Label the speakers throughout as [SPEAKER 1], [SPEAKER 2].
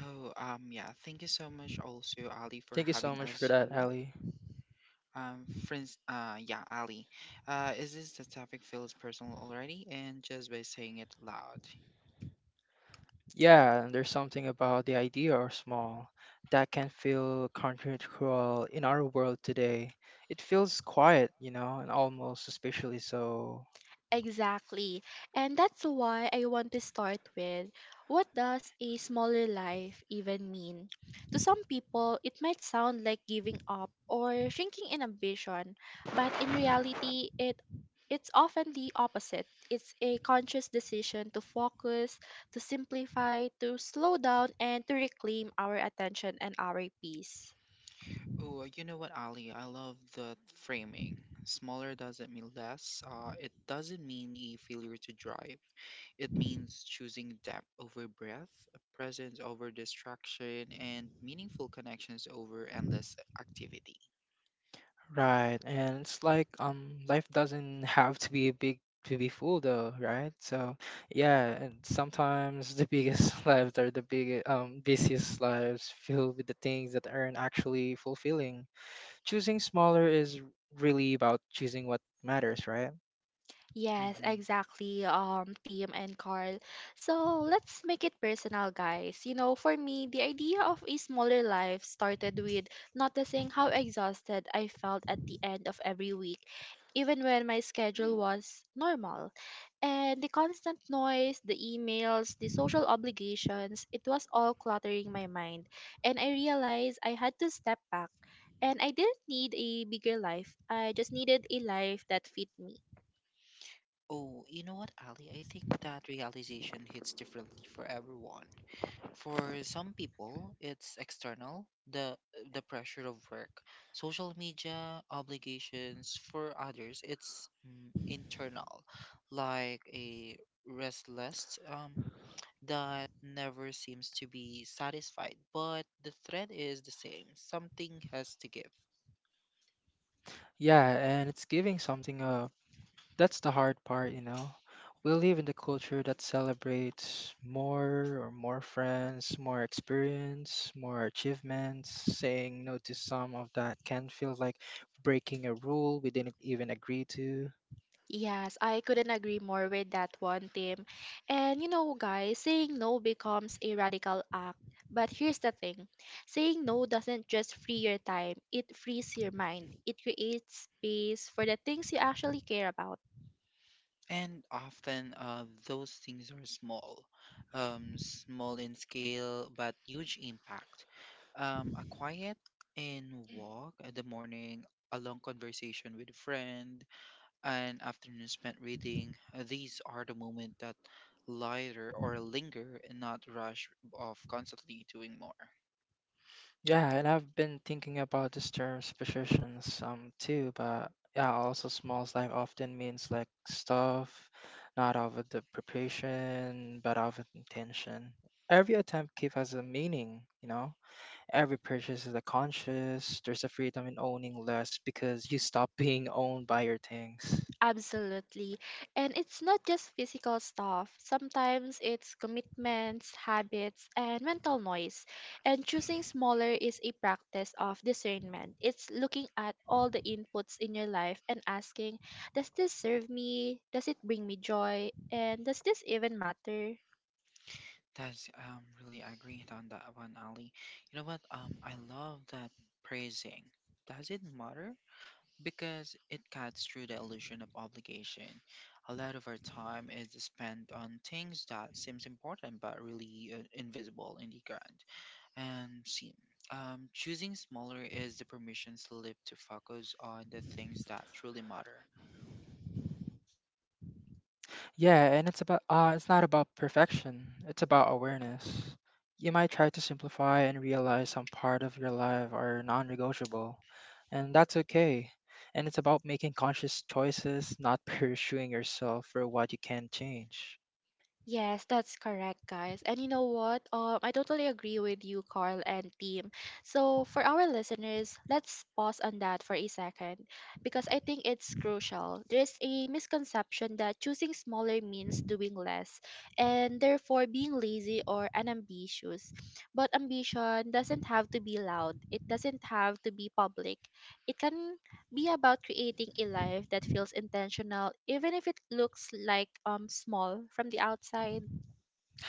[SPEAKER 1] Oh, yeah. Thank you so much also, Ali, for
[SPEAKER 2] Thank you so
[SPEAKER 1] having
[SPEAKER 2] much
[SPEAKER 1] us
[SPEAKER 2] for that,
[SPEAKER 1] here.
[SPEAKER 2] Ali.
[SPEAKER 1] Ali. Is this the topic feels personal already? And just by saying it loud.
[SPEAKER 2] Yeah, and there's something about the idea of small that can feel countercultural in our world today. It feels quiet, you know, and almost suspiciously so.
[SPEAKER 1] Oh, you know what, Ali? I love the framing. Smaller doesn't mean less. It doesn't mean a failure to drive. It means choosing depth over breadth, presence over distraction, and meaningful connections over endless activity.
[SPEAKER 2] Right, and it's like life doesn't have to be big to be full, though, right? So, yeah, and sometimes the biggest lives are the big busiest lives filled with the things that aren't actually fulfilling. Choosing smaller is really about choosing what matters, right?
[SPEAKER 1] Mm-hmm. Oh, you know what, Ali? I think that realization hits differently for everyone. For some people, it's external, the the pressure of work, social media obligations. For others, it's internal, like a restless that never seems to be satisfied. But the thread is the same. Something has to give.
[SPEAKER 2] Yeah, and it's giving something up. That's the hard part, you know. We live in the culture that celebrates more or more friends, more experience, more achievements. Saying no to some of that can feel like breaking a rule we didn't even agree to.
[SPEAKER 1] And often those things are small, small in scale, but huge impact. A quiet in walk in the morning, a long conversation with a friend, an afternoon spent reading. These are the moments that lighter or linger and not rush off constantly doing more.
[SPEAKER 2] Yeah, and I've been thinking about this term superstitions too, but yeah, also small time often means like stuff, not of the preparation, but of intention. Every attempt keep has a meaning, you know. Every purchase is a conscious. There's a freedom in owning less because you stop being owned by your things.
[SPEAKER 1] That's really agree on that one, Ali. You know what? I love that praising. Does it matter? Because it cuts through the illusion of obligation. A lot of our time is spent on things that seems important but really invisible in the grand and scene. Choosing smaller is the permission slip to focus on the things that truly matter.
[SPEAKER 2] Yeah, and it's about it's not about perfection. It's about awareness. You might try to simplify and realize some part of your life are non-negotiable, and that's okay. And it's about making conscious choices, not pursuing yourself for what you can change.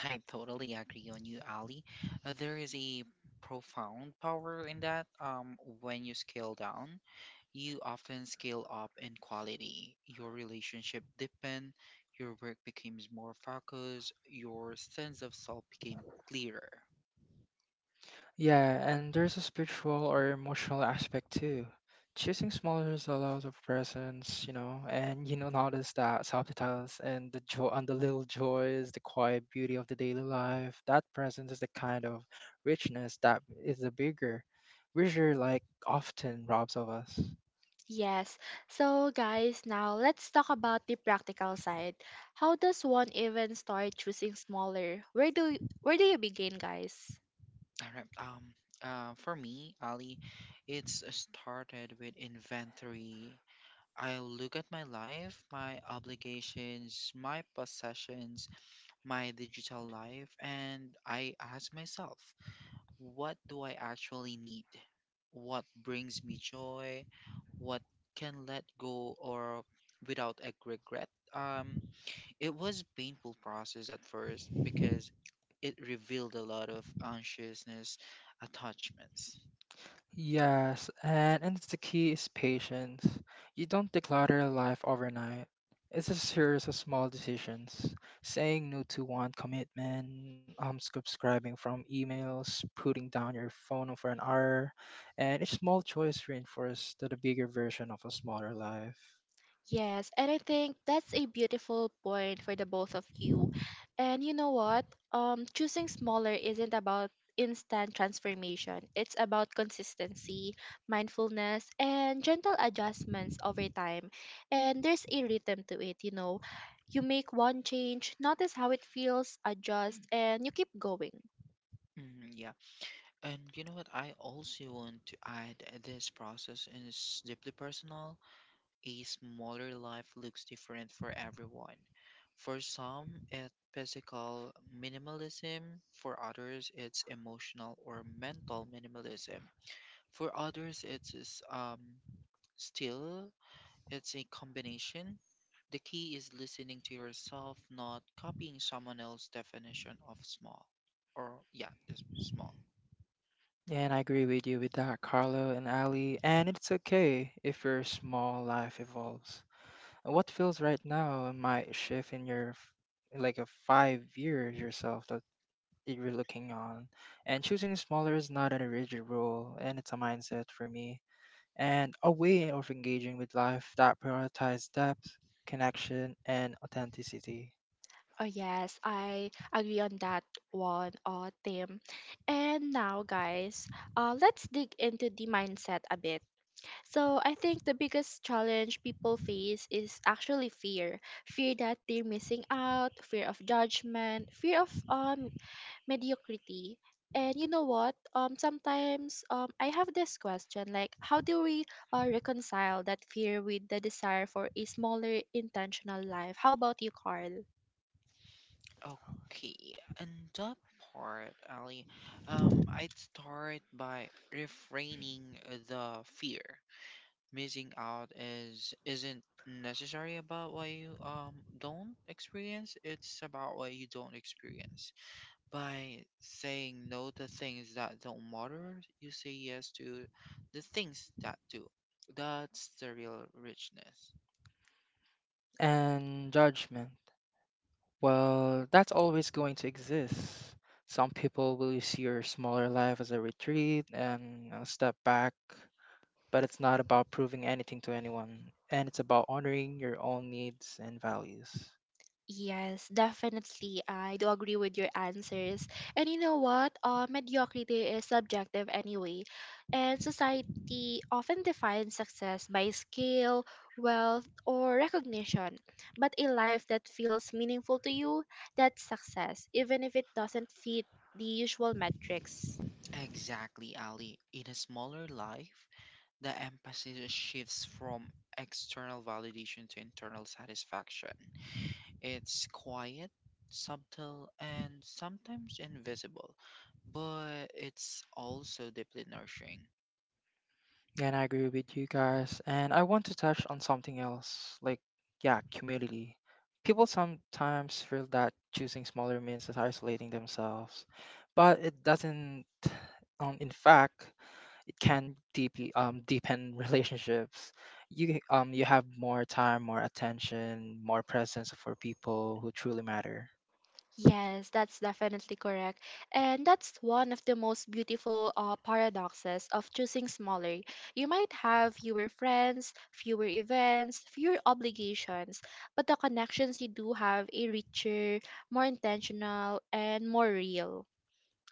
[SPEAKER 1] I totally agree on you, Ali. There is a profound power in that. When you scale down, you often scale up in quality. Your relationship deepen, your work becomes more focused, your sense of self became clearer.
[SPEAKER 2] Yeah, and there's a spiritual or emotional aspect too. Choosing smaller allows of presence, you know, and you know notice that subtitles and the joy and the little joys, the quiet beauty of the daily life. That presence is a kind of richness that is a bigger, richer like often robs of us.
[SPEAKER 1] All right. For me, Ali, it's started with inventory. I look at my life, my obligations, my possessions, my digital life and I ask myself, what do I actually need? What brings me joy? What can let go or without a regret? It was painful process at first because it revealed a lot of anxiousness attachments.
[SPEAKER 2] Yes, and the key is patience. You don't declutter your life overnight. It's a series of small decisions. Saying no to one commitment, subscribing from emails, putting down your phone for an hour, and each small choice reinforces to the bigger version of a smaller life.
[SPEAKER 1] Mhm, yeah. And you know what? I also want to add this process is deeply personal a smaller life looks different for everyone. For some, it's physical minimalism. For others, it's emotional or mental minimalism. For others, still it's a combination. The key is listening to yourself, not copying someone else's definition of small. Or yeah, just small.
[SPEAKER 2] And I agree with you with that, Carlo and Ali. And it's okay if your small life evolves. What feels right now might shift in your like a 5 years yourself that you're looking on. And choosing smaller is not a rigid rule, and it's a mindset for me, and a way of engaging with life that prioritizes depth, connection, and authenticity.
[SPEAKER 1] Okay, and that part, Ali, I'd start by refraining the fear. Missing out is isn't necessary about what you don't experience. It's about what you don't experience. By saying no to things that don't matter, you say yes to the things that do. That's the real richness.
[SPEAKER 2] And judgment. Well, that's always going to exist. Some people will see your smaller life as a retreat and a step back, but it's not about proving anything to anyone, and it's about honoring your own needs and values.
[SPEAKER 1] Exactly, Ali. In a smaller life, the emphasis shifts from external validation to internal satisfaction. It's quiet, subtle, and sometimes invisible, but it's also deeply nourishing.
[SPEAKER 2] Yeah, and I agree with you guys. And I want to touch on something else, like, yeah, community. People sometimes feel that choosing smaller means is isolating themselves, but it doesn't. In fact, it can deeply deepen relationships. You you have more time, more attention, more presence for people who truly matter.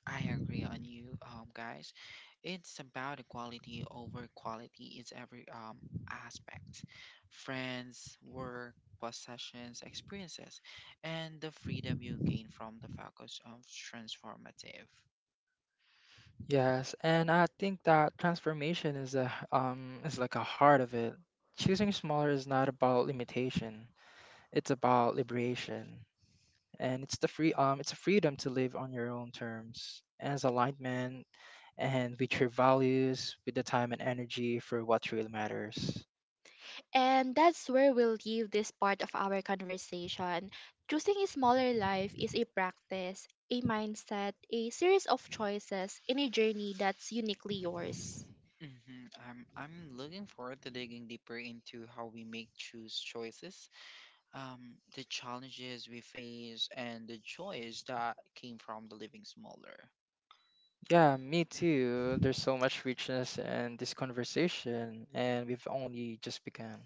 [SPEAKER 1] I agree on you, guys. It's about equality over quality is every aspect, friends, work, possessions, experiences, and the freedom you gain from the focus of transformative.
[SPEAKER 2] Yes, and I think that transformation is a is like a heart of it. Choosing smaller is not about limitation. It's about liberation. And it's the free it's a freedom to live on your own terms as alignment and with your values, with the time and energy for what really matters.
[SPEAKER 1] I'm looking forward to digging deeper into how we make choose choices, the challenges we face, and the joys that came from the living smaller.
[SPEAKER 2] Yeah, me too. There's so much richness in this conversation and we've only just begun.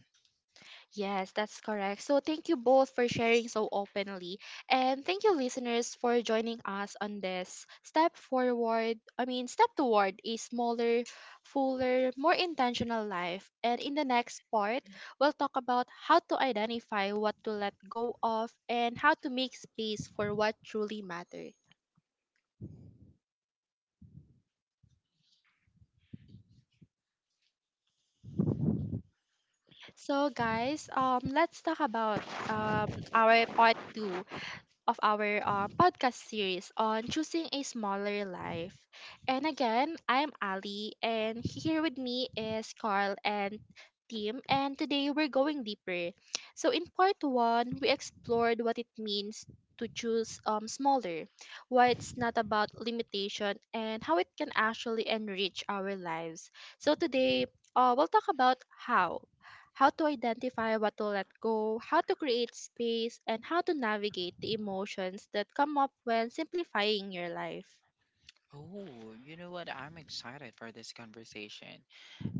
[SPEAKER 1] Oh, you know what? I'm excited for this conversation,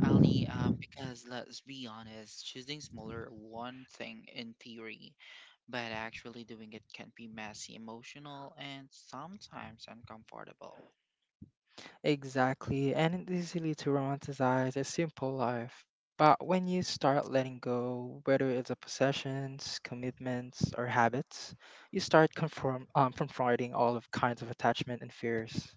[SPEAKER 1] Ali. Because let's be honest, choosing smaller one thing in theory, but actually doing it can be messy, emotional, and sometimes uncomfortable.
[SPEAKER 2] Exactly, and it's easily to romanticize a simple life. But when you start letting go, whether it's a possessions, commitments, or habits, you start confronting all of kinds of attachment and fears.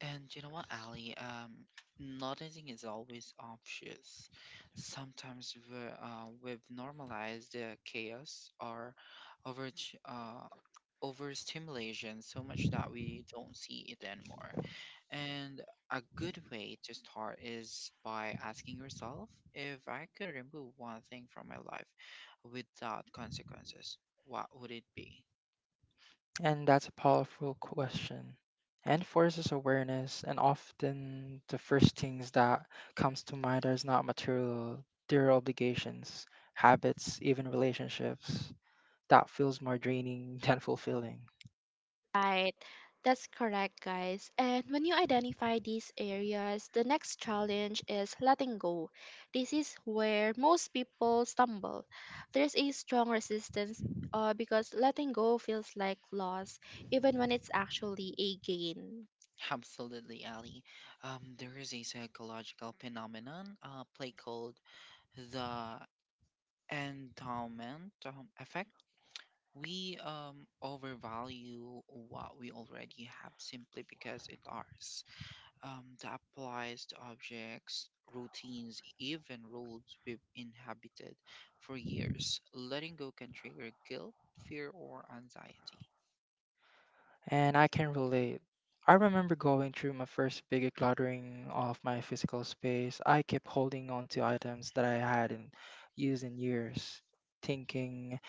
[SPEAKER 1] And you know what, Ali? Not everything is always obvious. Sometimes we've normalized the chaos or over uh, overstimulation so much that we don't see it anymore. And a good way to start is by asking yourself if I could remove one thing from my life without consequences, what would it be?
[SPEAKER 2] And that's a powerful question and forces awareness. And often the first things that comes to mind are not material, they're obligations, habits, even relationships. That feels more draining than fulfilling.
[SPEAKER 1] Absolutely, Ali. There is a psychological phenomenon, play called the endowment effect. We overvalue what we already have simply because it's ours. That applies to objects, routines, even roads we've inhabited for years. Letting go can trigger guilt, fear, or anxiety.
[SPEAKER 2] And I can relate. I remember going through my first big decluttering of my physical space. I kept holding on to items that I hadn't used in years, thinking,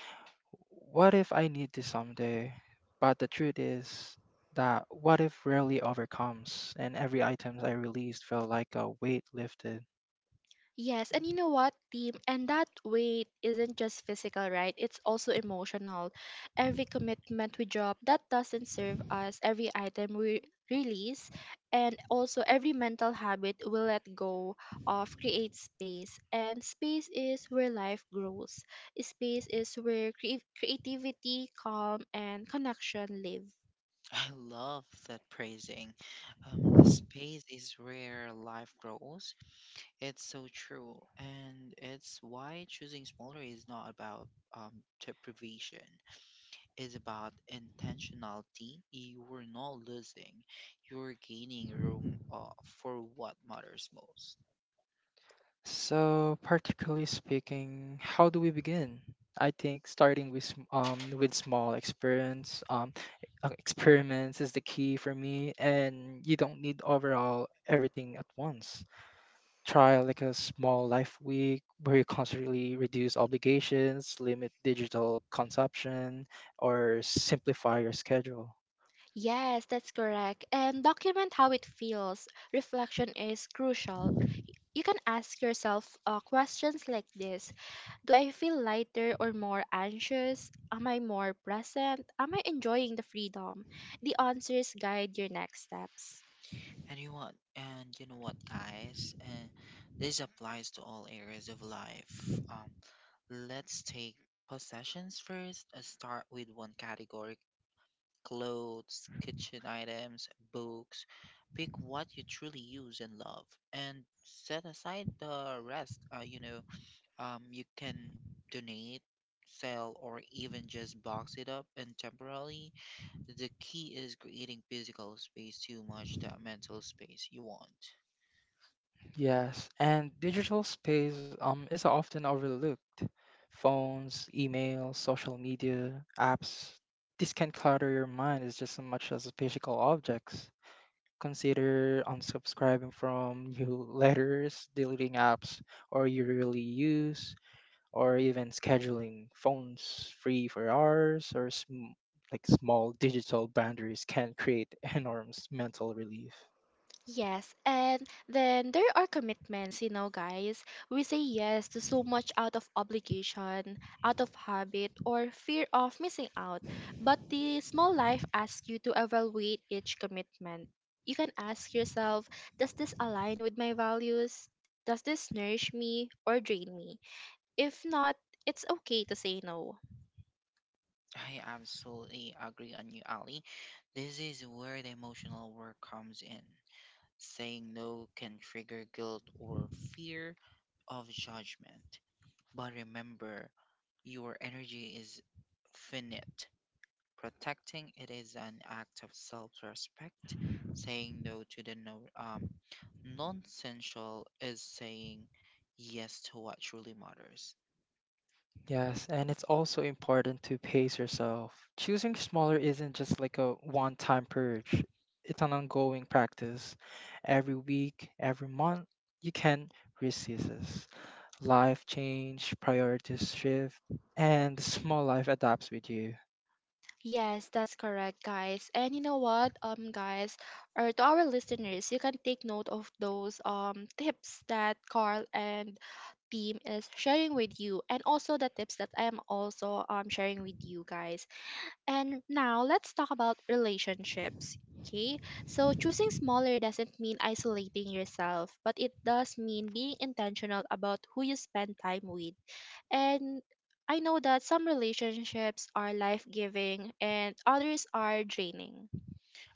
[SPEAKER 2] what if I need this someday? But the truth is that what if rarely overcomes, and every item I released felt like a weight lifted.
[SPEAKER 1] Mm. I love that praising. Space is where life grows. It's so true, and it's why choosing smaller is not about deprivation. It's about intentionality. You're not losing. You're gaining room for what matters most.
[SPEAKER 2] So, practically speaking, how do we begin? I think starting with with small experiments is the key for me, and you don't need overall everything at once. Try like a small life week where you constantly reduce obligations, limit digital consumption, or simplify your schedule.
[SPEAKER 1] And you know what, guys? This applies to all areas of life. Let's take possessions first. Start with one category: clothes, kitchen items, books. Pick what you truly use and love, and set aside the rest. You know, you can donate, sell, or even just box it up and temporarily the key is creating physical space too much that mental space you want.
[SPEAKER 2] Yes, and digital space is often overlooked. Phones, email, social media, apps, this can clutter your mind as just as much as physical objects. Consider unsubscribing from newsletters, deleting apps or you rarely use, or even scheduling phones free for hours or like small digital boundaries can create enormous mental relief.
[SPEAKER 1] I absolutely agree on you, Ali. This is where the emotional work comes in. Saying no can trigger guilt or fear of judgment. But remember, your energy is finite. Protecting it is an act of self-respect. Saying no to the no, non-essential is saying yes to what truly matters.
[SPEAKER 2] Yes, and it's also important to pace yourself. Choosing smaller isn't just like a one time purge, it's an ongoing practice. Every week, every month, you can resist. This. Life change, priorities shift, and the small life adapts with you.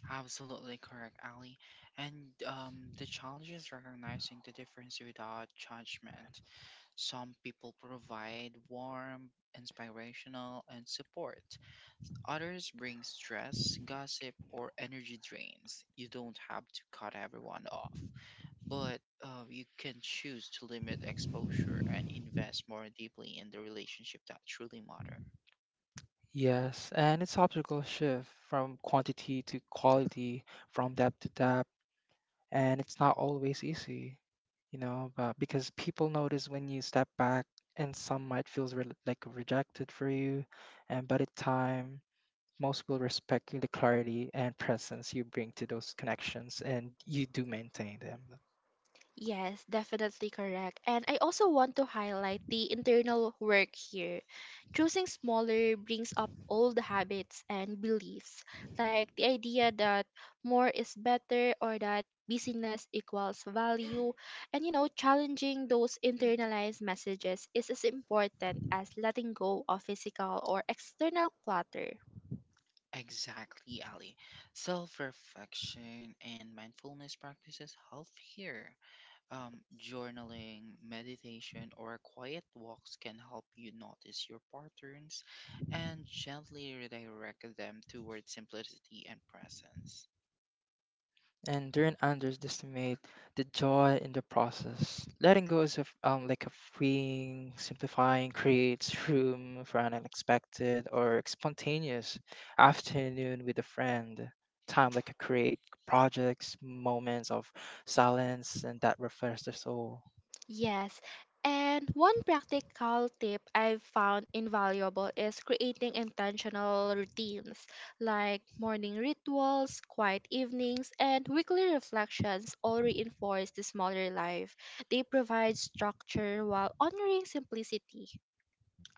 [SPEAKER 1] Absolutely correct, Ali. And the challenge is recognizing the difference without judgment. Some people provide warm, inspirational, and support. Others bring stress, gossip, or energy drains. You don't have to cut everyone off, but you can choose to limit exposure and invest more deeply in the relationship that truly matter.
[SPEAKER 2] Yes, and it's optical shift from quantity to quality, from depth to depth. And it's not always easy, you know, but because people notice when you step back, and some might feel like rejected for you, and by the time most will respect you the clarity and presence you bring to those connections, and you do maintain them.
[SPEAKER 1] Exactly, Ali. Self reflection and mindfulness practices help here. Journaling, meditation, or quiet walks can help you notice your patterns and gently redirect them toward simplicity and presence.
[SPEAKER 2] And do Anders, underestimate the joy in the process. Letting go is a, like a freeing, simplifying, creates room for an unexpected or spontaneous afternoon with a friend. Time like a create projects, moments of silence, and that refreshes the soul.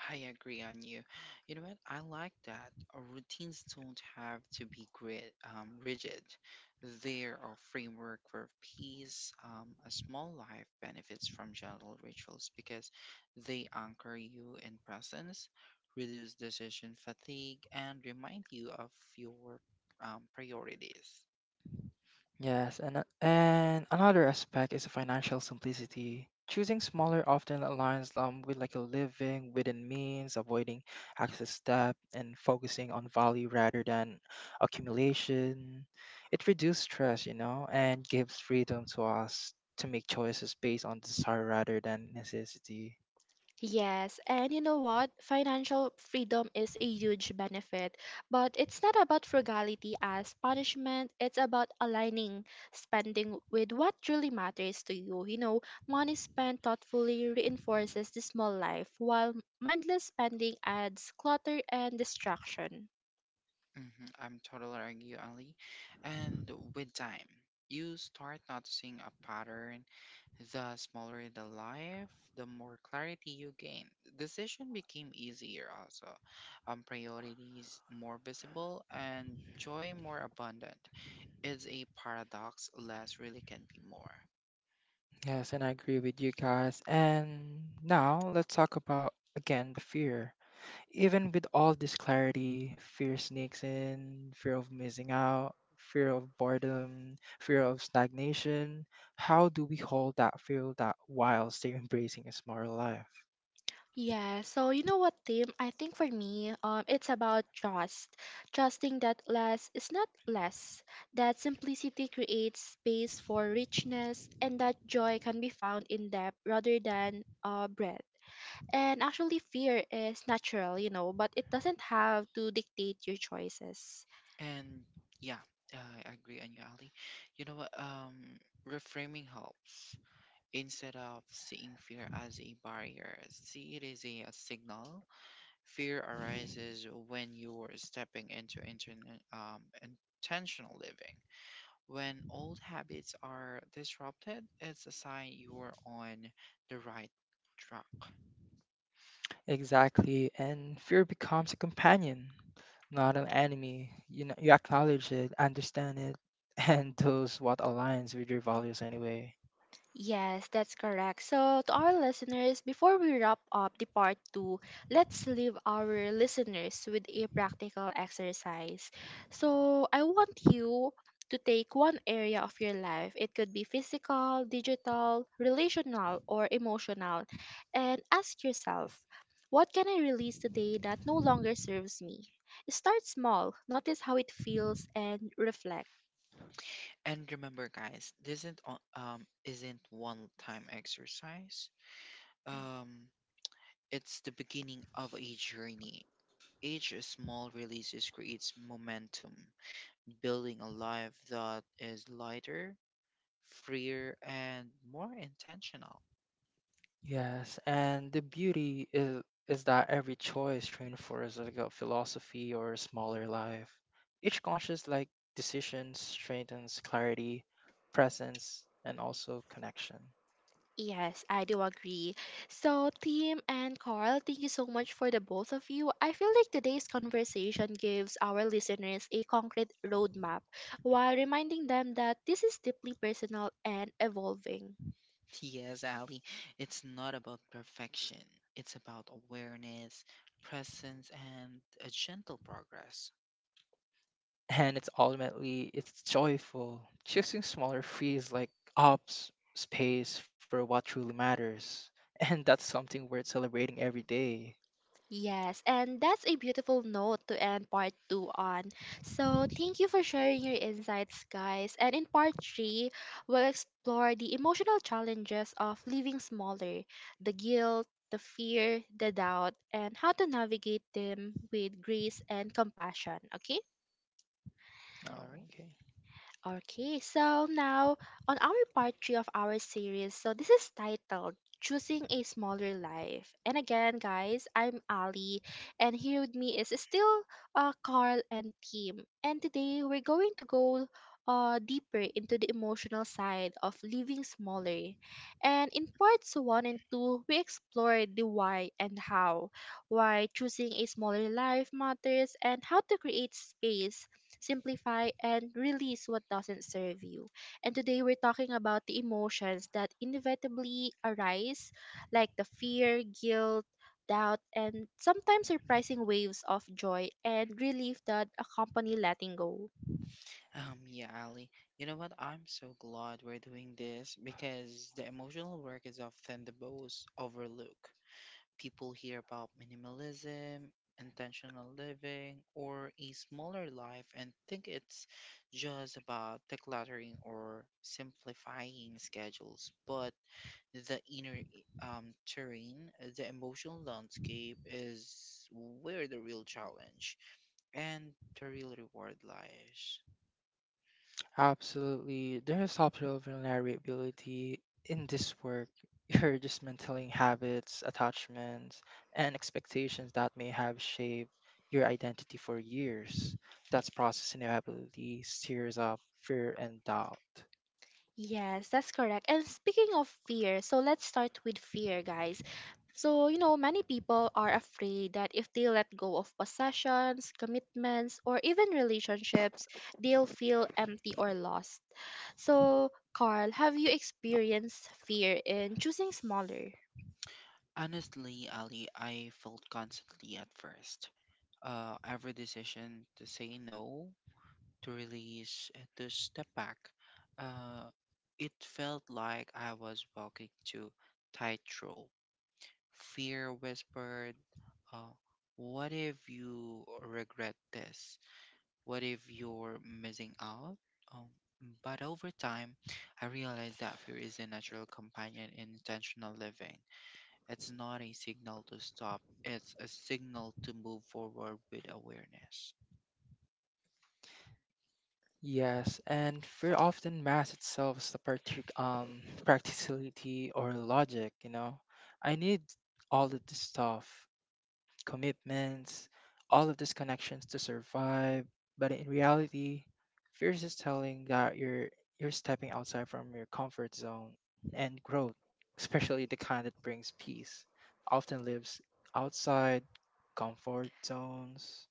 [SPEAKER 1] I agree on you. You know what? I like that. Our routines don't have to be rigid. They're a framework for peace. A small life benefits from gentle rituals because they anchor you in presence, reduce decision fatigue, and remind you of your priorities.
[SPEAKER 2] Yes, and another aspect is financial simplicity. Choosing smaller often aligns with like a living within means, avoiding excess debt, and focusing on value rather than accumulation. It reduces stress, you know, and gives freedom to us to make choices based on desire rather than necessity.
[SPEAKER 1] I'm totally agree, you, Ali. And with time, you start noticing a pattern. The smaller the life, the more clarity you gain. Decision became easier also. Priorities more visible and joy more abundant. It's a paradox, less really can be more.
[SPEAKER 2] Yes, and I agree with you guys. And now let's talk about again the fear. Even with all this clarity, fear sneaks in, fear of missing out, fear of boredom, fear of stagnation. How do we hold that fear that while still embracing a smarter life?
[SPEAKER 1] And yeah, I agree on you, Ali. You know what? Reframing helps. Instead of seeing fear as a barrier, see it as a signal. Fear arises when you're stepping into intentional living. When old habits are disrupted, it's a sign you're on the right track.
[SPEAKER 2] Exactly, and fear becomes a companion, not an enemy. You know, you acknowledge it, understand it, and does what aligns with your values anyway.
[SPEAKER 1] And remember, guys, this isn't one time exercise. Um, it's the beginning of a journey. Each small releases creates momentum building a life that is lighter, freer, and more intentional.
[SPEAKER 2] Yes, and the beauty is that every choice reinforces like a philosophy or a smaller life. Each conscious like decision strengthens clarity, presence, and also connection.
[SPEAKER 1] Yes, Ali, it's not about perfection, it's about awareness, presence, and a gentle progress.
[SPEAKER 2] And it's ultimately it's joyful. Choosing smaller frees like ops space for what truly matters. And that's something worth celebrating every day.
[SPEAKER 1] All
[SPEAKER 2] No,
[SPEAKER 1] right.
[SPEAKER 2] okay.
[SPEAKER 1] Yeah, Ali, you know what? I'm so glad we're doing this because the emotional work is often the most overlooked. People hear about minimalism, intentional living, or a smaller life and think it's just about decluttering or simplifying schedules. But the inner terrain, the emotional landscape is where the real challenge and the real reward lies.
[SPEAKER 2] Absolutely. There is optional vulnerability in this work. You're just mantaining habits, attachments, and expectations that may have shaped your identity for years. That's processing ability stirs up fear and doubt.
[SPEAKER 1] Honestly, Ali, I felt constantly at first. Every decision to say no to release, and to step back. Uh, it felt like I was walking to tightrope. Fear whispered, uh, "What if you regret this? What if you're missing out?" Um, but over time, I realized that fear is a natural companion in intentional living. It's not a signal to stop; it's a signal to move forward with awareness.
[SPEAKER 2] Yes, and fear often masks itself as the practicality or logic, you know. I need all of this stuff. Commitments, all of these connections to survive. But in reality, fear is just telling that you're stepping outside from your comfort zone and growth, especially the kind that brings peace, often lives outside comfort zones.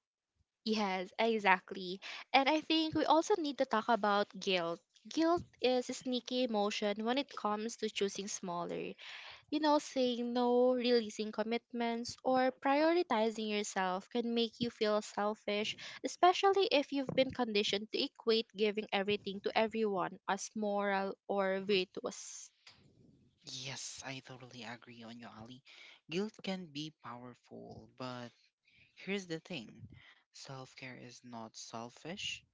[SPEAKER 1] Yes, I totally agree on you, Ali. Guilt can be powerful, but here's the thing self care is not selfish.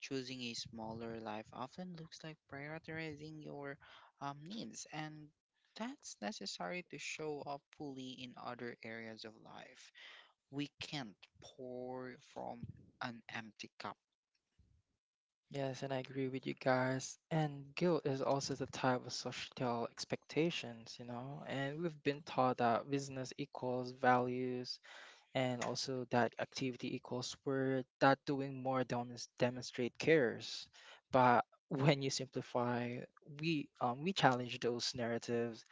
[SPEAKER 1] Choosing a smaller life often looks like prioritizing your needs, and that's necessary to show up fully in other areas of life. We can't pour from an empty cup.
[SPEAKER 2] Yes, and I agree with you guys. And guilt is also the type of societal expectations, you know. And we've been taught that business equals values, and also that activity equals we're not doing more than is demonstrate cares but when you simplify we challenge those narratives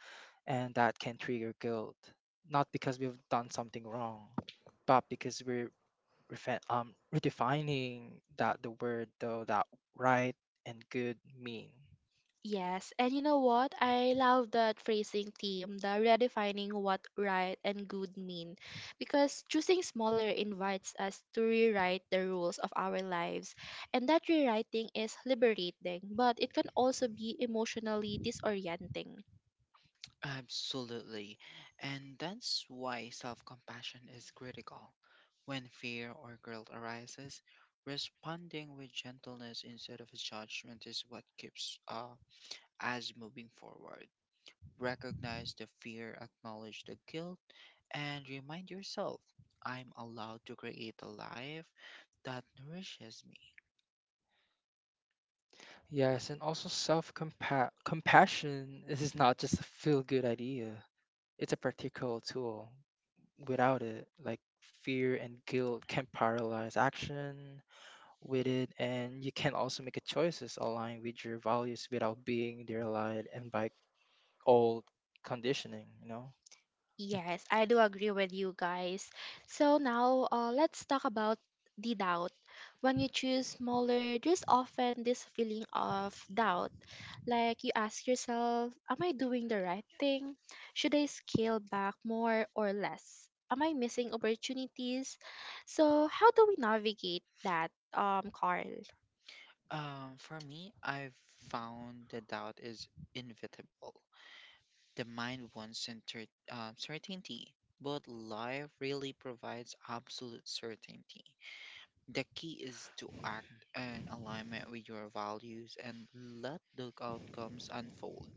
[SPEAKER 2] and that can trigger guilt not because we've done something wrong but because we're redefining that the word though that right and good mean.
[SPEAKER 1] Absolutely. And that's why self compassion is critical. When fear or guilt arises, responding with gentleness instead of judgment is what keeps us moving forward. Recognize the fear, acknowledge the guilt, and remind yourself I'm allowed to create a life that nourishes me.
[SPEAKER 2] Yes, and also self compassion is not just a feel good idea, it's a practical tool. Without it, like fear and guilt can paralyze action with it, and you can also make a choices aligned with your values without being derelied and by old conditioning, you know?
[SPEAKER 1] For me, I've found the doubt is inevitable. The mind wants certainty, but life really provides absolute certainty. The key is to act in alignment with your values and let the outcomes unfold.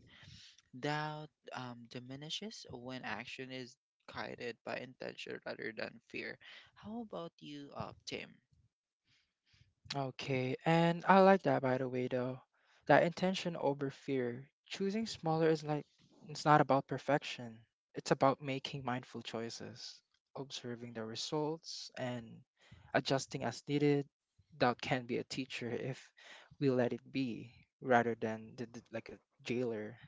[SPEAKER 1] Doubt diminishes when action is guided by intention rather than fear. How about you, Tim?
[SPEAKER 2] Okay, and I like that by the way though. That intention over fear. Choosing smaller is like it's not about perfection. It's about making mindful choices, observing the results and adjusting as needed. Doubt can be a teacher if we let it be rather than like a jailer.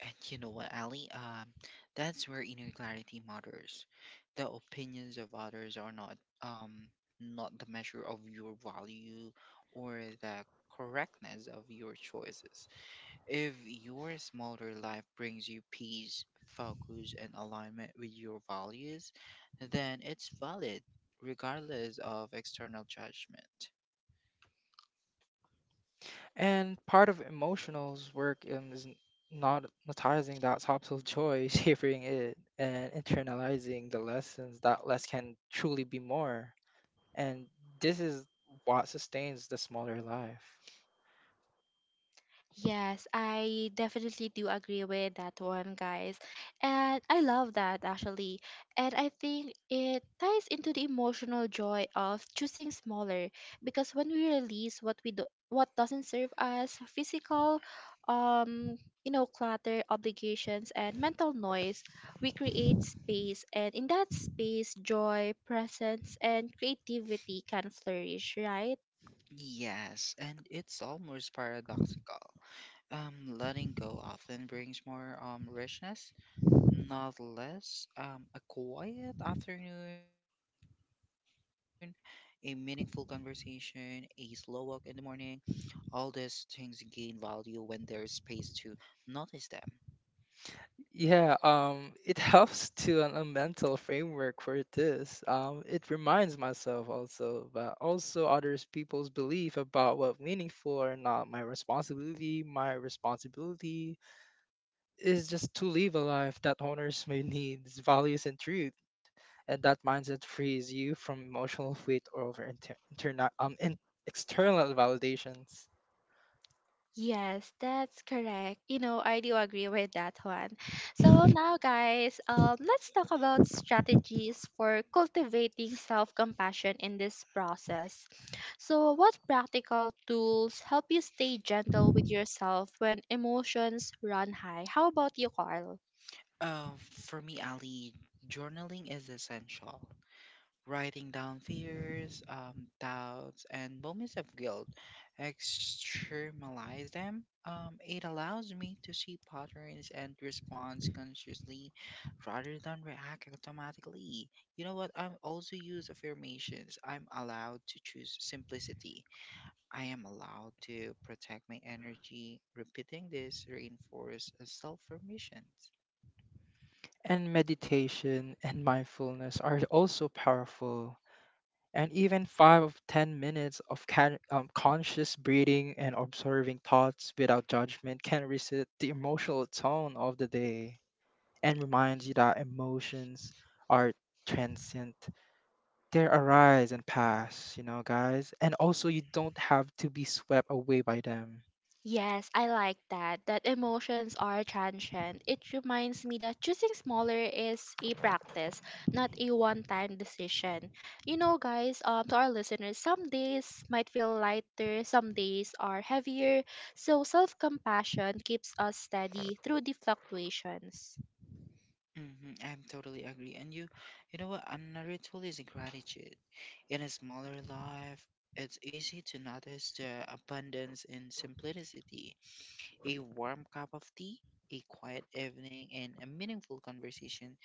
[SPEAKER 1] And you know what, Ali? That's where inner clarity matters. The opinions of others are not um not the measure of your value or the correctness of your choices. If your smaller life brings you peace, focus, and alignment with your values, then it's valid, regardless of external judgment.
[SPEAKER 2] And part of emotional's work is not monetizing that subtle joy, savoring it, and internalizing the lessons that less can truly be more. And this is what sustains the smaller life.
[SPEAKER 1] Yes, and it's almost paradoxical. Letting go often brings more richness, not less. A quiet afternoon, a meaningful conversation, a slow walk in the morning. All these things gain value when there's space to notice them.
[SPEAKER 2] Yeah, it helps to an, a mental framework for this. It reminds myself also, but also others people's belief about what meaningful or not my responsibility, my responsibility, is just to live a life that honors my needs, values, and truth. And that mindset frees you from emotional weight over external validations.
[SPEAKER 1] Uh, for me, Ali, journaling is essential. Writing down fears, doubts, and moments of guilt, externalize them. It allows me to see patterns and respond consciously rather than react automatically. You know what? I also use affirmations. I'm allowed to choose simplicity. I am allowed to protect my energy. Repeating this reinforces self permissions.
[SPEAKER 2] And meditation and mindfulness are also powerful. And even five of 10 minutes of conscious breathing and observing thoughts without judgment can reset the emotional tone of the day and reminds you that emotions are transient. They arise and pass, you know, guys. And also, you don't have to be swept away by them.
[SPEAKER 1] Hmm, I'm totally agree. You know what? Another tool is gratitude. In a smaller life, it's easy to notice the abundance in simplicity. A warm cup of tea, a quiet evening, and a meaningful conversation.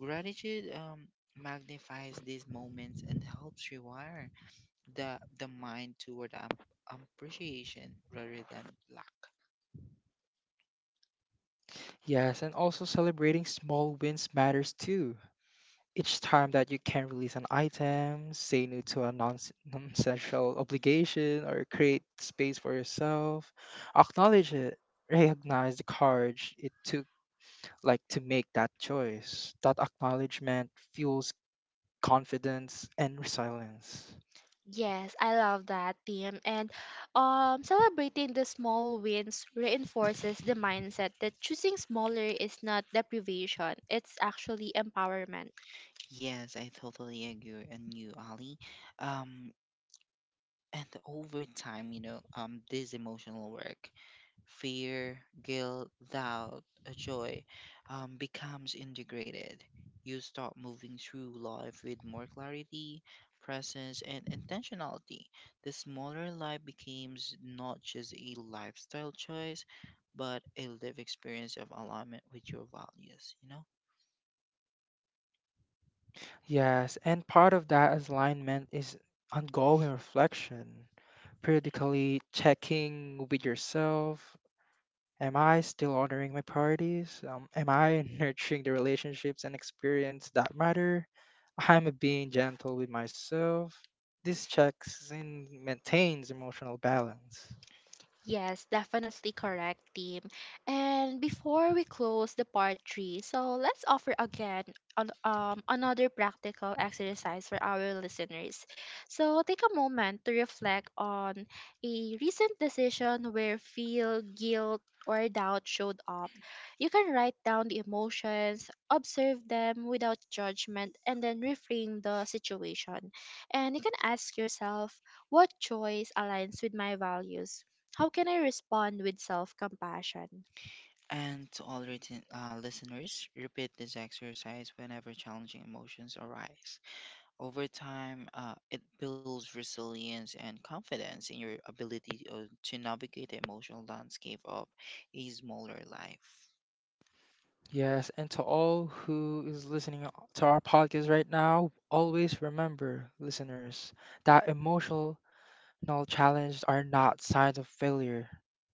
[SPEAKER 1] Gratitude magnifies these moments and helps rewire the mind toward appreciation rather than lack.
[SPEAKER 2] Yes, and also celebrating small wins matters too. Each time that you can release an item, say no to a non essential obligation, or create space for yourself, acknowledge it. Recognize the courage it took, like, to make that choice. That acknowledgement fuels confidence and resilience.
[SPEAKER 1] Yes, I totally agree. Um, And over time, this emotional work, fear, guilt, doubt, joy, becomes integrated. You start moving through life with more clarity, presence, and intentionality. The smaller life becomes not just a lifestyle choice, but a lived experience of alignment with your values, you know?
[SPEAKER 2] Yes, and part of that alignment is ongoing reflection, periodically checking with yourself. Am I still honoring my priorities? Am I nurturing the relationships and experience that matter? Am I being gentle with myself? This checks and maintains emotional balance.
[SPEAKER 1] And to all written, listeners, repeat this exercise whenever challenging emotions arise. Over time, it builds resilience and confidence in your ability to navigate the emotional landscape of a smaller life.
[SPEAKER 2] Yes, and to all who is listening to our podcast right now, always remember, listeners, that emotional No, challenges are not signs of failure.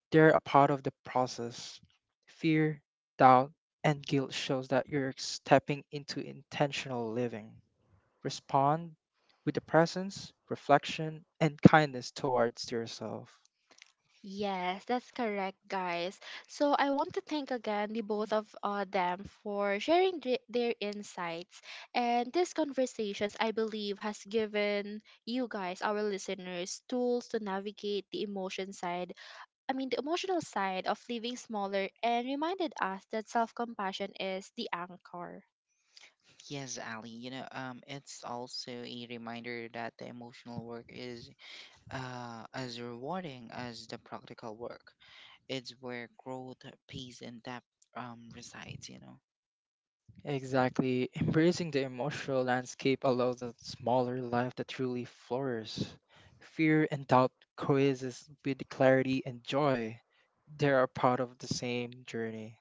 [SPEAKER 2] They're a part of the process. Fear, doubt, and guilt shows that you're stepping into intentional living. Respond with the presence, reflection, and kindness towards yourself.
[SPEAKER 1] Yes, Ali, it's also a reminder that the emotional work is as rewarding as the practical work. It's where growth, peace, and depth resides, you know.
[SPEAKER 2] Exactly. Embracing the emotional landscape allows a smaller life to truly flourish. Fear and doubt coexist with clarity and joy. They are part of the same journey.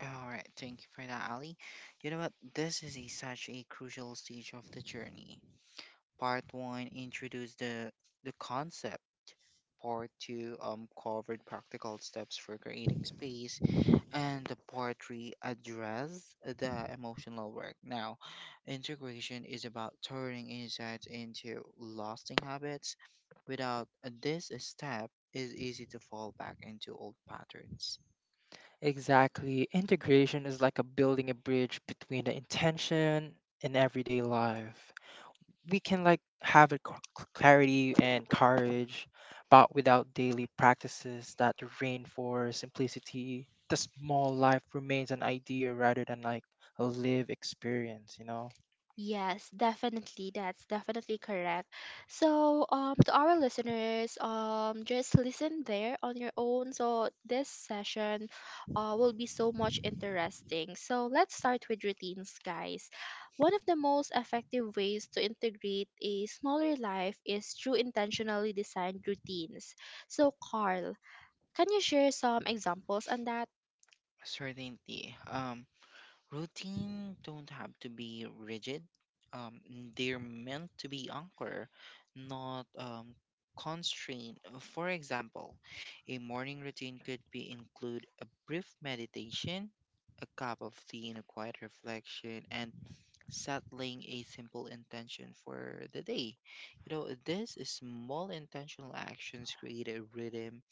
[SPEAKER 1] All right, thank you for that, Ali. You know what? Such a crucial stage of the journey. Part one introduced the concept. Part two covered practical steps for creating space, and the part three addressed the emotional work. Now, integration is about turning insights into lasting habits. Without this step, it's easy to fall back into old patterns.
[SPEAKER 2] Exactly. Integration is like a building a bridge between the intention and everyday life. We can like have a clarity and courage, but without daily practices that reinforce simplicity, the small life remains an idea rather than like a live experience, you know?
[SPEAKER 1] Certainty. Routine don't have to be rigid. Um, they're meant to be anchor, not constraint. For example, a morning routine could be include a brief meditation, a cup of tea and a quiet reflection, and settling a simple intention for the day. You know, these small intentional actions create a rhythm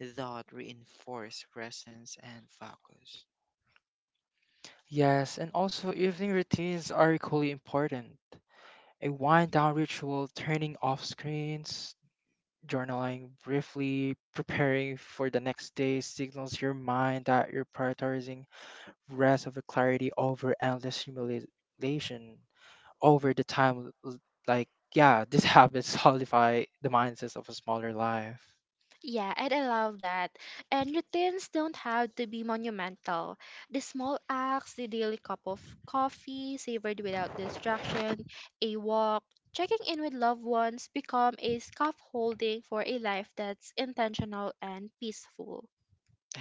[SPEAKER 1] that reinforce presence and focus.
[SPEAKER 2] Yes, and also evening routines are equally important. A wind down ritual, turning off screens, journaling briefly, preparing for the next day signals your mind that you're prioritizing rest over clarity over endless stimulation over the time. Like, yeah, this habit solidify the mindsets of a smaller life.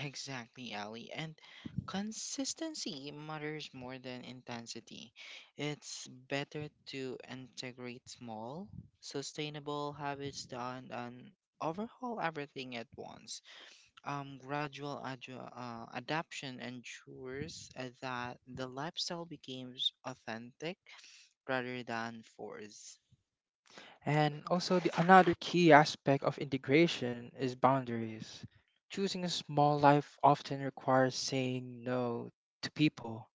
[SPEAKER 1] Exactly, Ali. And consistency matters more than intensity. It's better to integrate small, sustainable habits than and overhaul everything at once. Gradual adju adaptation ensures that the lifestyle becomes authentic rather than forced.
[SPEAKER 2] And also, the another key aspect of integration is boundaries. Choosing a small life often requires saying no to people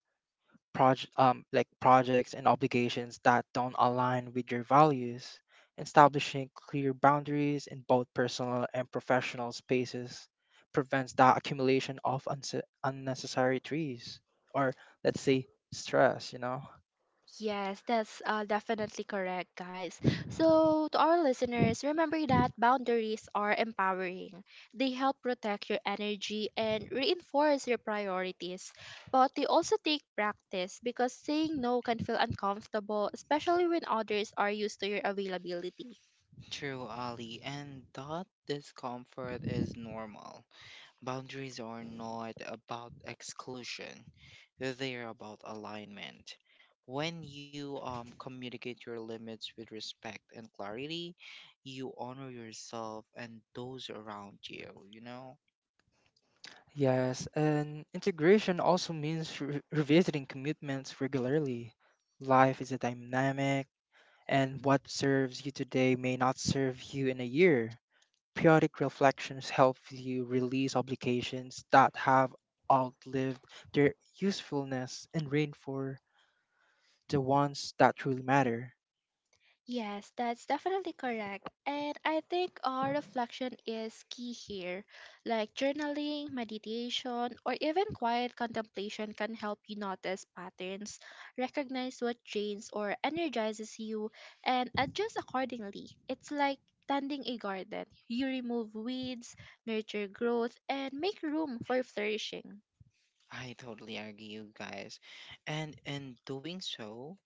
[SPEAKER 2] project like projects and obligations that don't align with your values, establishing clear boundaries in both personal and professional spaces prevents the accumulation of unnecessary trees or let's say stress, you know.
[SPEAKER 1] True, Ali, and that discomfort is normal. Boundaries are not about exclusion, they are about alignment. When you communicate your limits with respect and clarity, you honor yourself and those around you, you know?
[SPEAKER 2] Yes, and integration also means revisiting commitments regularly. Life is a dynamic, and what serves you today may not serve you in a year. Periodic reflections help you release obligations that have outlived their usefulness and reinforce the ones that truly matter.
[SPEAKER 1] I totally agree, you guys. And in doing so,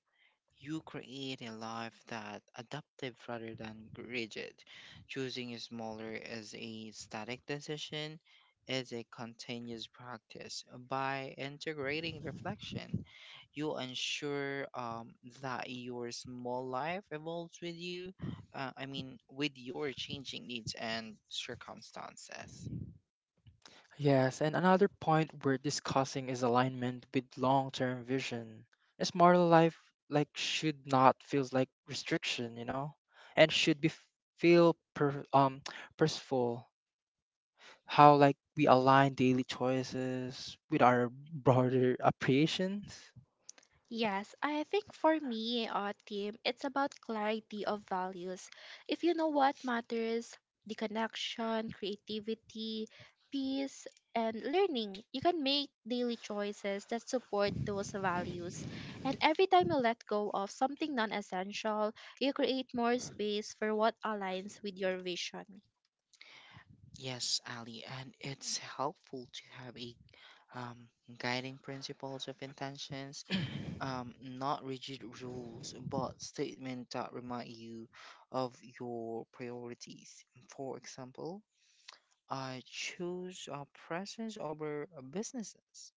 [SPEAKER 1] you create a life that adaptive rather than rigid. Choosing smaller is a static decision, is a continuous practice. By integrating reflection, you ensure that your small life evolves with you. I mean, with your changing needs and circumstances.
[SPEAKER 2] Yes, and another point we're discussing is alignment with long-term vision. A smarter life like should not feels like restriction, you know, and should be feel purposeful. How like we align daily choices with our broader appreciations.
[SPEAKER 1] Yes, Ali, and it's helpful to have a um, guiding principles of intentions not rigid rules, but statements that remind you of your priorities. For example, I choose presence over businesses.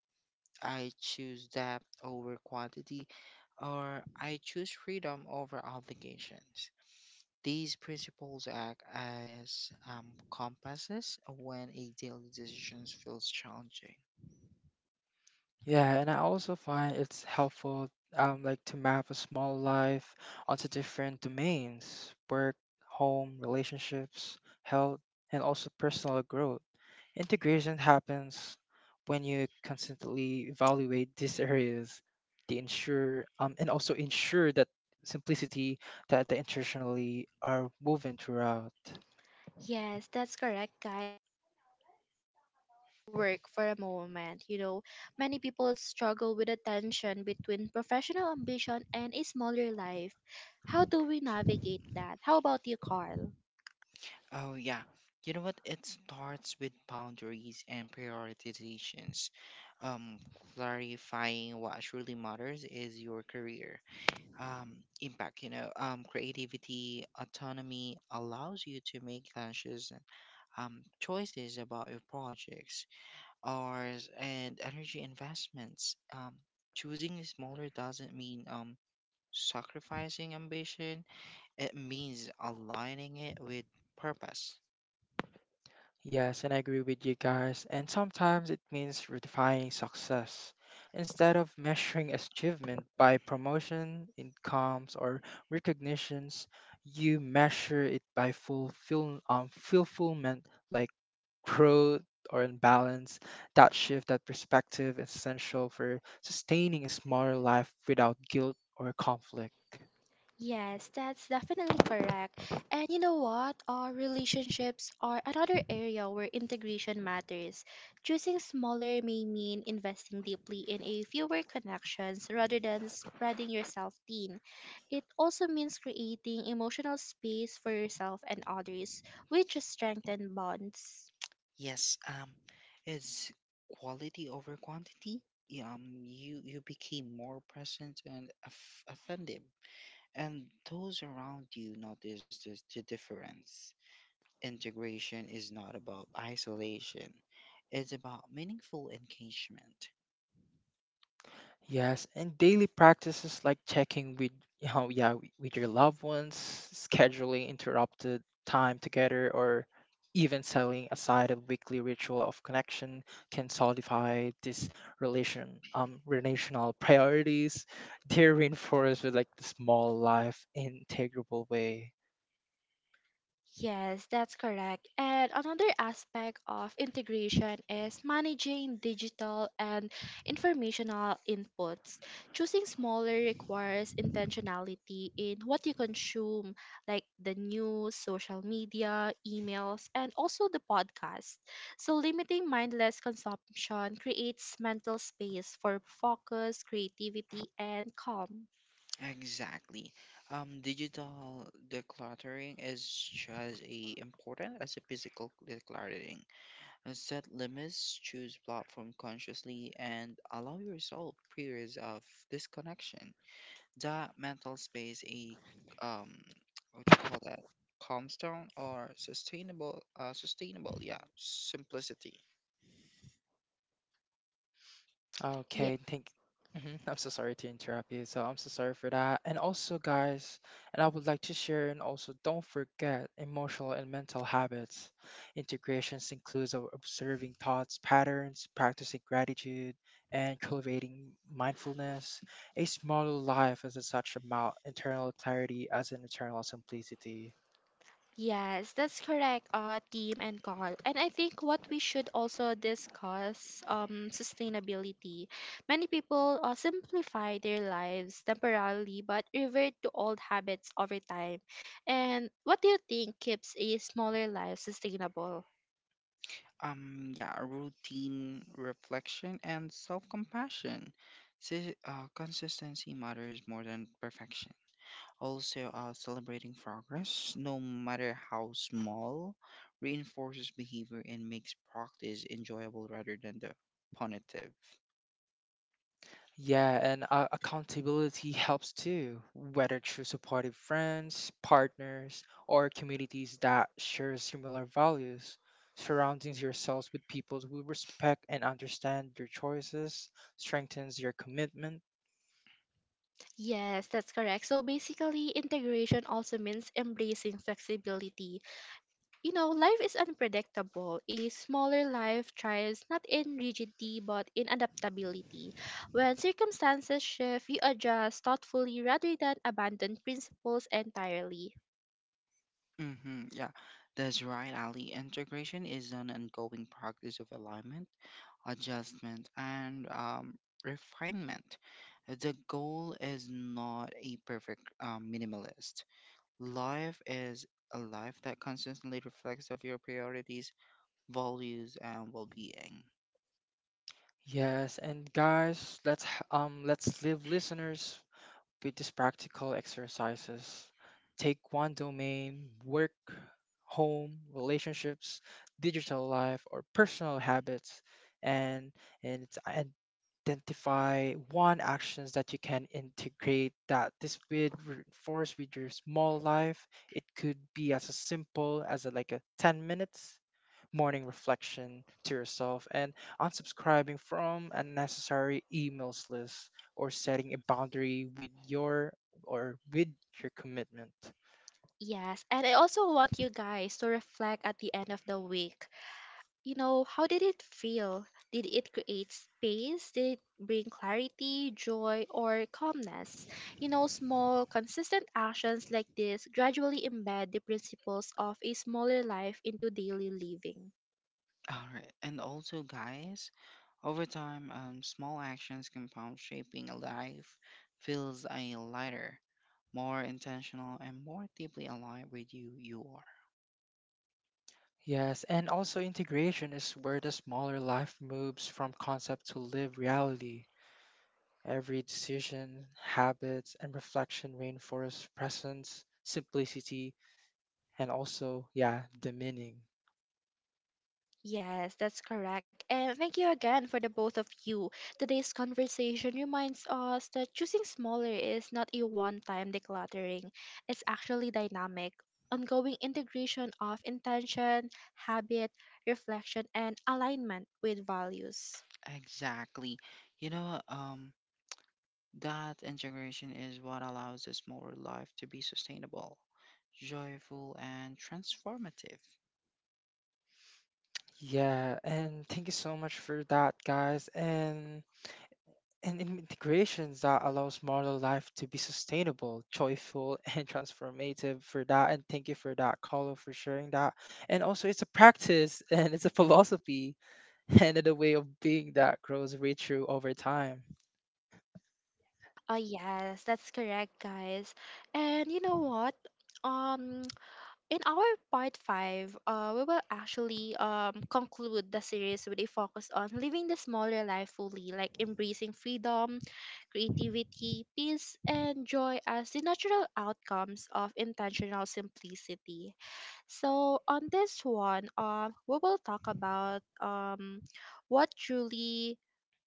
[SPEAKER 1] I choose depth over quantity, or I choose freedom over obligations. These principles act as compasses when a daily decision feels challenging.
[SPEAKER 2] Yeah, and I also find it's helpful like to map a small life onto different domains, work, home, relationships, health, and also personal growth. Integration happens when you consistently evaluate these areas to ensure and also ensure that simplicity that the intentionally are moving throughout.
[SPEAKER 3] Work for a moment, you know, many people struggle with the tension between professional ambition and a smaller life. How do we navigate that? How about you, Carl?
[SPEAKER 1] Oh, yeah. You know what? It starts with boundaries and prioritizations. Um, Clarifying what truly matters is your career. Impact, you know, creativity, autonomy allows you to make conscious choices about your projects, hours, and energy investments. Choosing smaller doesn't mean sacrificing ambition, it means aligning it with purpose.
[SPEAKER 2] Yes, and I agree with you guys. And sometimes it means redefining success. Instead of measuring achievement by promotion, incomes, or recognitions, you measure it by fulfillment, like growth or imbalance. That shift, that perspective is essential for sustaining a smaller life without guilt or conflict.
[SPEAKER 3] Yes, that's definitely correct. And you know what? Our relationships are another area where integration matters. Choosing smaller may mean investing deeply in a fewer connections rather than spreading yourself thin. It also means creating emotional space for yourself and others, which strengthen bonds.
[SPEAKER 1] Yes, it's quality over quantity. You became more present and offended, and those around you notice the difference. Integration is not about isolation; it's about meaningful engagement.
[SPEAKER 2] Yes, and daily practices like checking with you know, yeah, with your loved ones, scheduling interrupted time together, or even setting aside a weekly ritual of connection can solidify this relational priorities. They're reinforced with like the small life integrable way.
[SPEAKER 3] Yes, that's correct. And another aspect of integration is managing digital and informational inputs. Choosing smaller requires intentionality in what you consume, like the news, social media, emails, and also the podcast. So, limiting mindless consumption creates mental space for focus, creativity, and calm.
[SPEAKER 1] Exactly. Digital decluttering is just as important as a physical decluttering. Set limits, choose platform consciously, and allow yourself periods of disconnection. That mental space, a um, what you call that, calm down or sustainable, sustainable, yeah, simplicity.
[SPEAKER 2] Okay,
[SPEAKER 3] Yes.
[SPEAKER 2] thank. Mhm, I'm so sorry to interrupt you. So I'm so sorry for that. And also, guys, and I would like to share and also don't forget emotional and mental habits. Integrations includes observing thoughts, patterns, practicing gratitude, and cultivating mindfulness. A smaller life is a such amount internal clarity as an internal simplicity.
[SPEAKER 3] Yes, that's correct, team and Carl. And I think what we should also discuss sustainability. Many people simplify their lives temporarily but revert to old habits over time. And what do you think keeps a smaller life sustainable?
[SPEAKER 1] Yeah, routine reflection and self compassion. Consistency matters more than perfection. Also, celebrating progress, no matter how small, reinforces behavior and makes practice enjoyable rather than the punitive.
[SPEAKER 2] Yeah, and accountability helps too, whether through supportive friends, partners, or communities that share similar values. Surrounding yourselves with people who respect and understand your choices strengthens your commitment.
[SPEAKER 3] Yes, that's correct. So basically, integration also means embracing flexibility. You know, life is unpredictable. A smaller life thrives not in rigidity but in adaptability. When circumstances shift, you adjust thoughtfully rather than abandon principles entirely.
[SPEAKER 1] Mm-hmm, yeah, that's right, Ali. Integration is an ongoing practice of alignment, adjustment, and refinement. The goal is not a perfect minimalist. Life is a life that constantly reflects of your priorities, values, and well-being.
[SPEAKER 2] Yes, and guys, let's leave listeners with these practical exercises. Take one domain, work, home, relationships, digital life, or personal habits, and, and it's identify one actions that you can integrate that this would reinforce with your small life. It could be as a simple as a, like a 10 minutes morning reflection to yourself, and unsubscribing from unnecessary emails list or setting a boundary with your or with your commitment.
[SPEAKER 3] Yes, and I also want you guys to reflect at the end of the week. You know, how did it feel? Did it create space? Did it bring clarity, joy, or calmness? You know, small, consistent actions like this gradually embed the principles of a smaller life into daily living.
[SPEAKER 1] All right. And also, guys, over time, small actions compound, shaping a life feels a lighter, more intentional, and more deeply aligned with you are.
[SPEAKER 2] Yes, and also integration is where the smaller life moves from concept to live reality. Every decision, habits, and reflection reinforce presence, simplicity, and also, yeah, the meaning.
[SPEAKER 3] Yes, that's correct. And thank you again for the both of you. Today's conversation reminds us that choosing smaller is not a one time decluttering, it's actually dynamic, ongoing integration of intention, habit, reflection, and alignment with values.
[SPEAKER 1] Exactly. You know, that integration is what allows this smaller life to be sustainable, joyful, and transformative.
[SPEAKER 2] Yeah, and thank you so much for that, guys. And integrations that allows modern life to be sustainable, joyful, and transformative for that. And thank you for that, Carlo, for sharing that. And also, it's a practice and it's a philosophy and it's a way of being that grows richer over time.
[SPEAKER 3] Oh, yes, that's correct, guys. And you know what? Um, In our part five, we will actually conclude the series with a focus on living the smaller life fully, like embracing freedom, creativity, peace, and joy as the natural outcomes of intentional simplicity. So, on this one, we will talk about what truly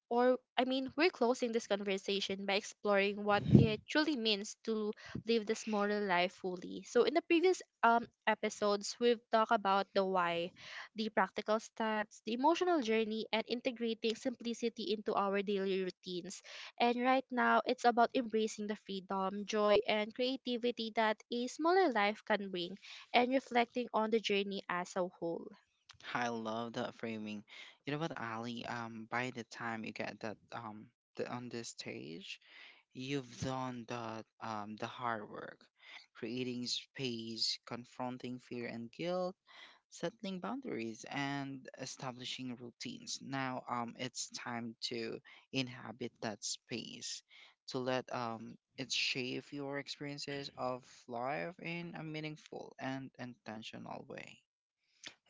[SPEAKER 3] or I mean, we're closing this conversation by exploring what it truly means to live this moral life fully. So, in the previous episodes, we've talked about the why, the practical steps, the emotional journey, and integrating simplicity into our daily routines. And right now, it's about embracing the freedom, joy, and creativity that a smaller life can bring and reflecting on the journey as a whole.
[SPEAKER 1] I love that framing. You know what, Ali? By the time you get that the, on this stage, you've done the hard work, creating space, confronting fear and guilt, settling boundaries, and establishing routines. Now, it's time to inhabit that space, to let it shape your experiences of life in a meaningful and intentional way.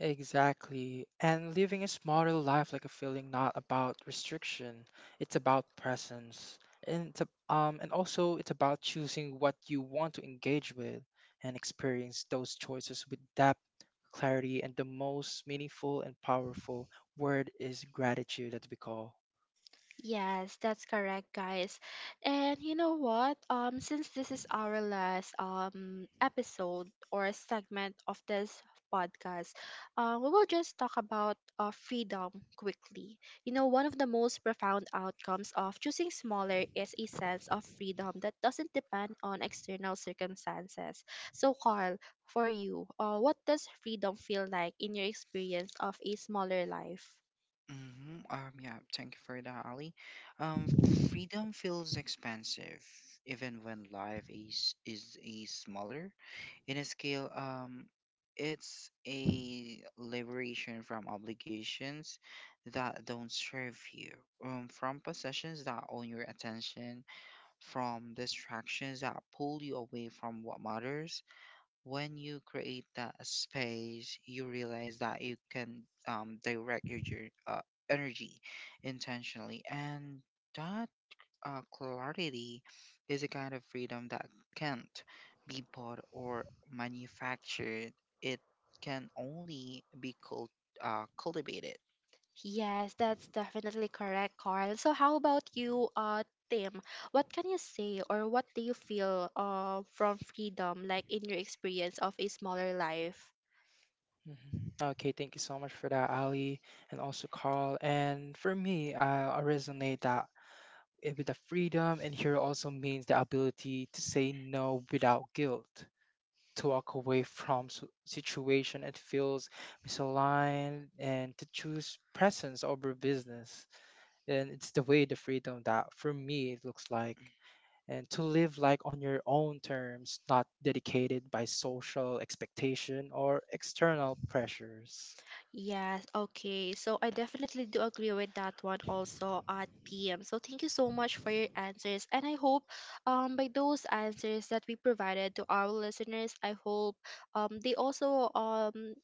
[SPEAKER 2] Exactly. And living a smarter life like a feeling not about restriction, it's about presence. And and also it's about choosing what you want to engage with and experience those choices with depth, clarity, and the most meaningful and powerful word is gratitude that we call.
[SPEAKER 3] Yes, that's correct, guys. And you know what? Since this is our last episode or segment of this podcast, we will just talk about freedom quickly. You know, one of the most profound outcomes of choosing smaller is a sense of freedom that doesn't depend on external circumstances. So, Carl, for you, what does freedom feel like in your experience of a smaller life?
[SPEAKER 1] Hmm. Yeah, thank you for that, Ali. Freedom feels expansive, even when life is a smaller in a scale. It's a liberation from obligations that don't serve you, from possessions that own your attention, from distractions that pull you away from what matters when you create that space, you realize that you can direct your energy intentionally, and that clarity is a kind of freedom that can't be bought or manufactured. It can only be cultivated.
[SPEAKER 3] Yes, that's definitely correct, Carl. So how about you, Tim? What can you say or what do you feel from freedom, like in your experience of a smaller life?
[SPEAKER 2] Mhm. Okay, thank you so much for that, Ali, and also Carl. And for me, I resonate that with the freedom, and here also means the ability to say no without guilt, to walk away from situation it feels misaligned, and to choose presence over business. And it's the way the freedom that for me it looks like. And to live like on your own terms, not dedicated by social expectation or external pressures.
[SPEAKER 3] Yes, okay. So I definitely do agree with that one also at PM. So thank you so much for your answers. And I hope by those answers that we provided to our listeners, I hope um they also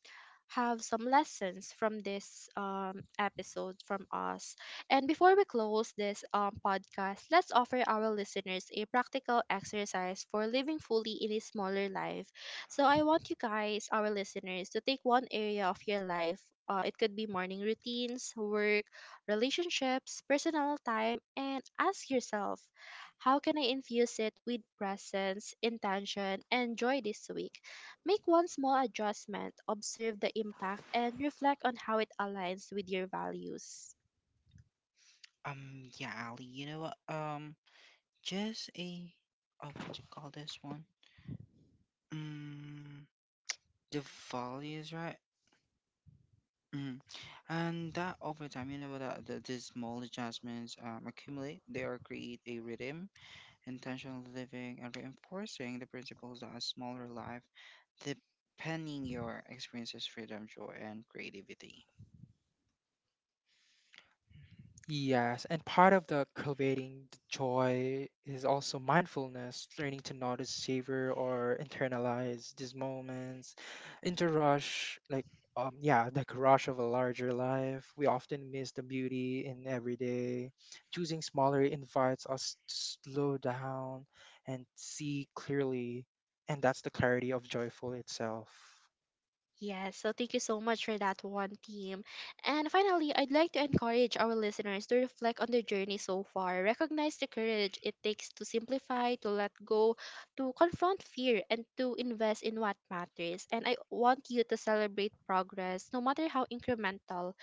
[SPEAKER 3] have some lessons from this episode from us. And before we close this podcast, let's offer our listeners a practical exercise for living fully in a smaller life so I want you guys, our listeners, to take one area of your life. It could be morning routines, work, relationships, personal time, and ask yourself, how can I infuse it with presence, intention, and joy this week? Make one small adjustment, observe the impact, and reflect on how it aligns with your values.
[SPEAKER 1] Yeah, Ali, you know what? Just a, oh, what do you call this one? Mm, the values, right? Mhm. And that over time, you know, that these small adjustments accumulate, they are create a rhythm, intentional living, and reinforcing the principles that a smaller life, depending your experiences, freedom, joy, and creativity.
[SPEAKER 2] Yes, and part of the cultivating the joy is also mindfulness, learning to notice, savor, or internalize these moments. In the rush, the rush of a larger life, we often miss the beauty in everyday. Choosing smaller invites us to slow down and see clearly, and that's the clarity of joyful itself.
[SPEAKER 3] Yes, so thank you so much for that one, team. And finally, I'd like to encourage our listeners to reflect on their journey so far. Recognize the courage it takes to simplify, to let go, to confront fear, and to invest in what matters. And I want you to celebrate progress, no matter how incremental.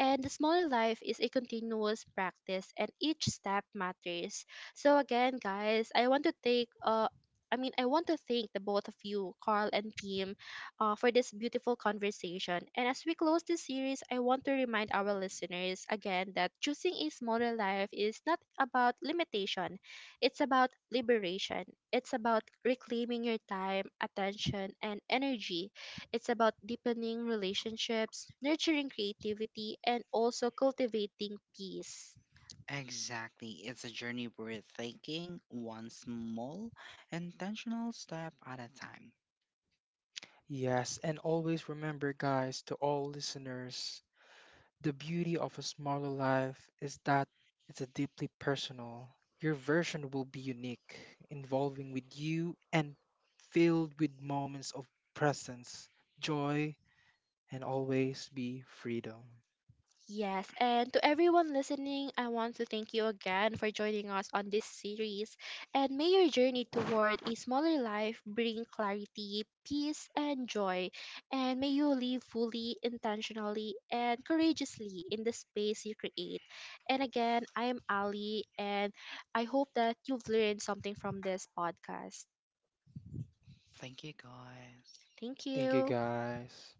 [SPEAKER 3] And the smaller life is a continuous practice, and each step matters. So, again, guys, I want to I want to thank the both of you, Carl and team, for this beautiful conversation. And as we close this series, I want to remind our listeners again that choosing a smaller life is not about limitation, it's about liberation. It's about reclaiming your time, attention, and energy. It's about deepening relationships, nurturing creativity, and also cultivating peace.
[SPEAKER 1] Exactly. It's a journey worth taking one small, intentional step at a time.
[SPEAKER 2] Yes, and always remember, guys, to all listeners. The beauty of a smaller life is that it's a deeply personal. Your version will be unique, involving with you and filled with moments of presence, joy, and always be freedom.
[SPEAKER 3] Yes, and to everyone listening, I want to thank you again for joining us on this series. And may your journey toward a smaller life bring clarity, peace, and joy. And may you live fully, intentionally, and courageously in the space you create. And again, I am Ali, and I hope that you've learned something from this podcast.
[SPEAKER 1] Thank you, guys.
[SPEAKER 3] Thank
[SPEAKER 2] Thank you
[SPEAKER 3] you.
[SPEAKER 2] guys.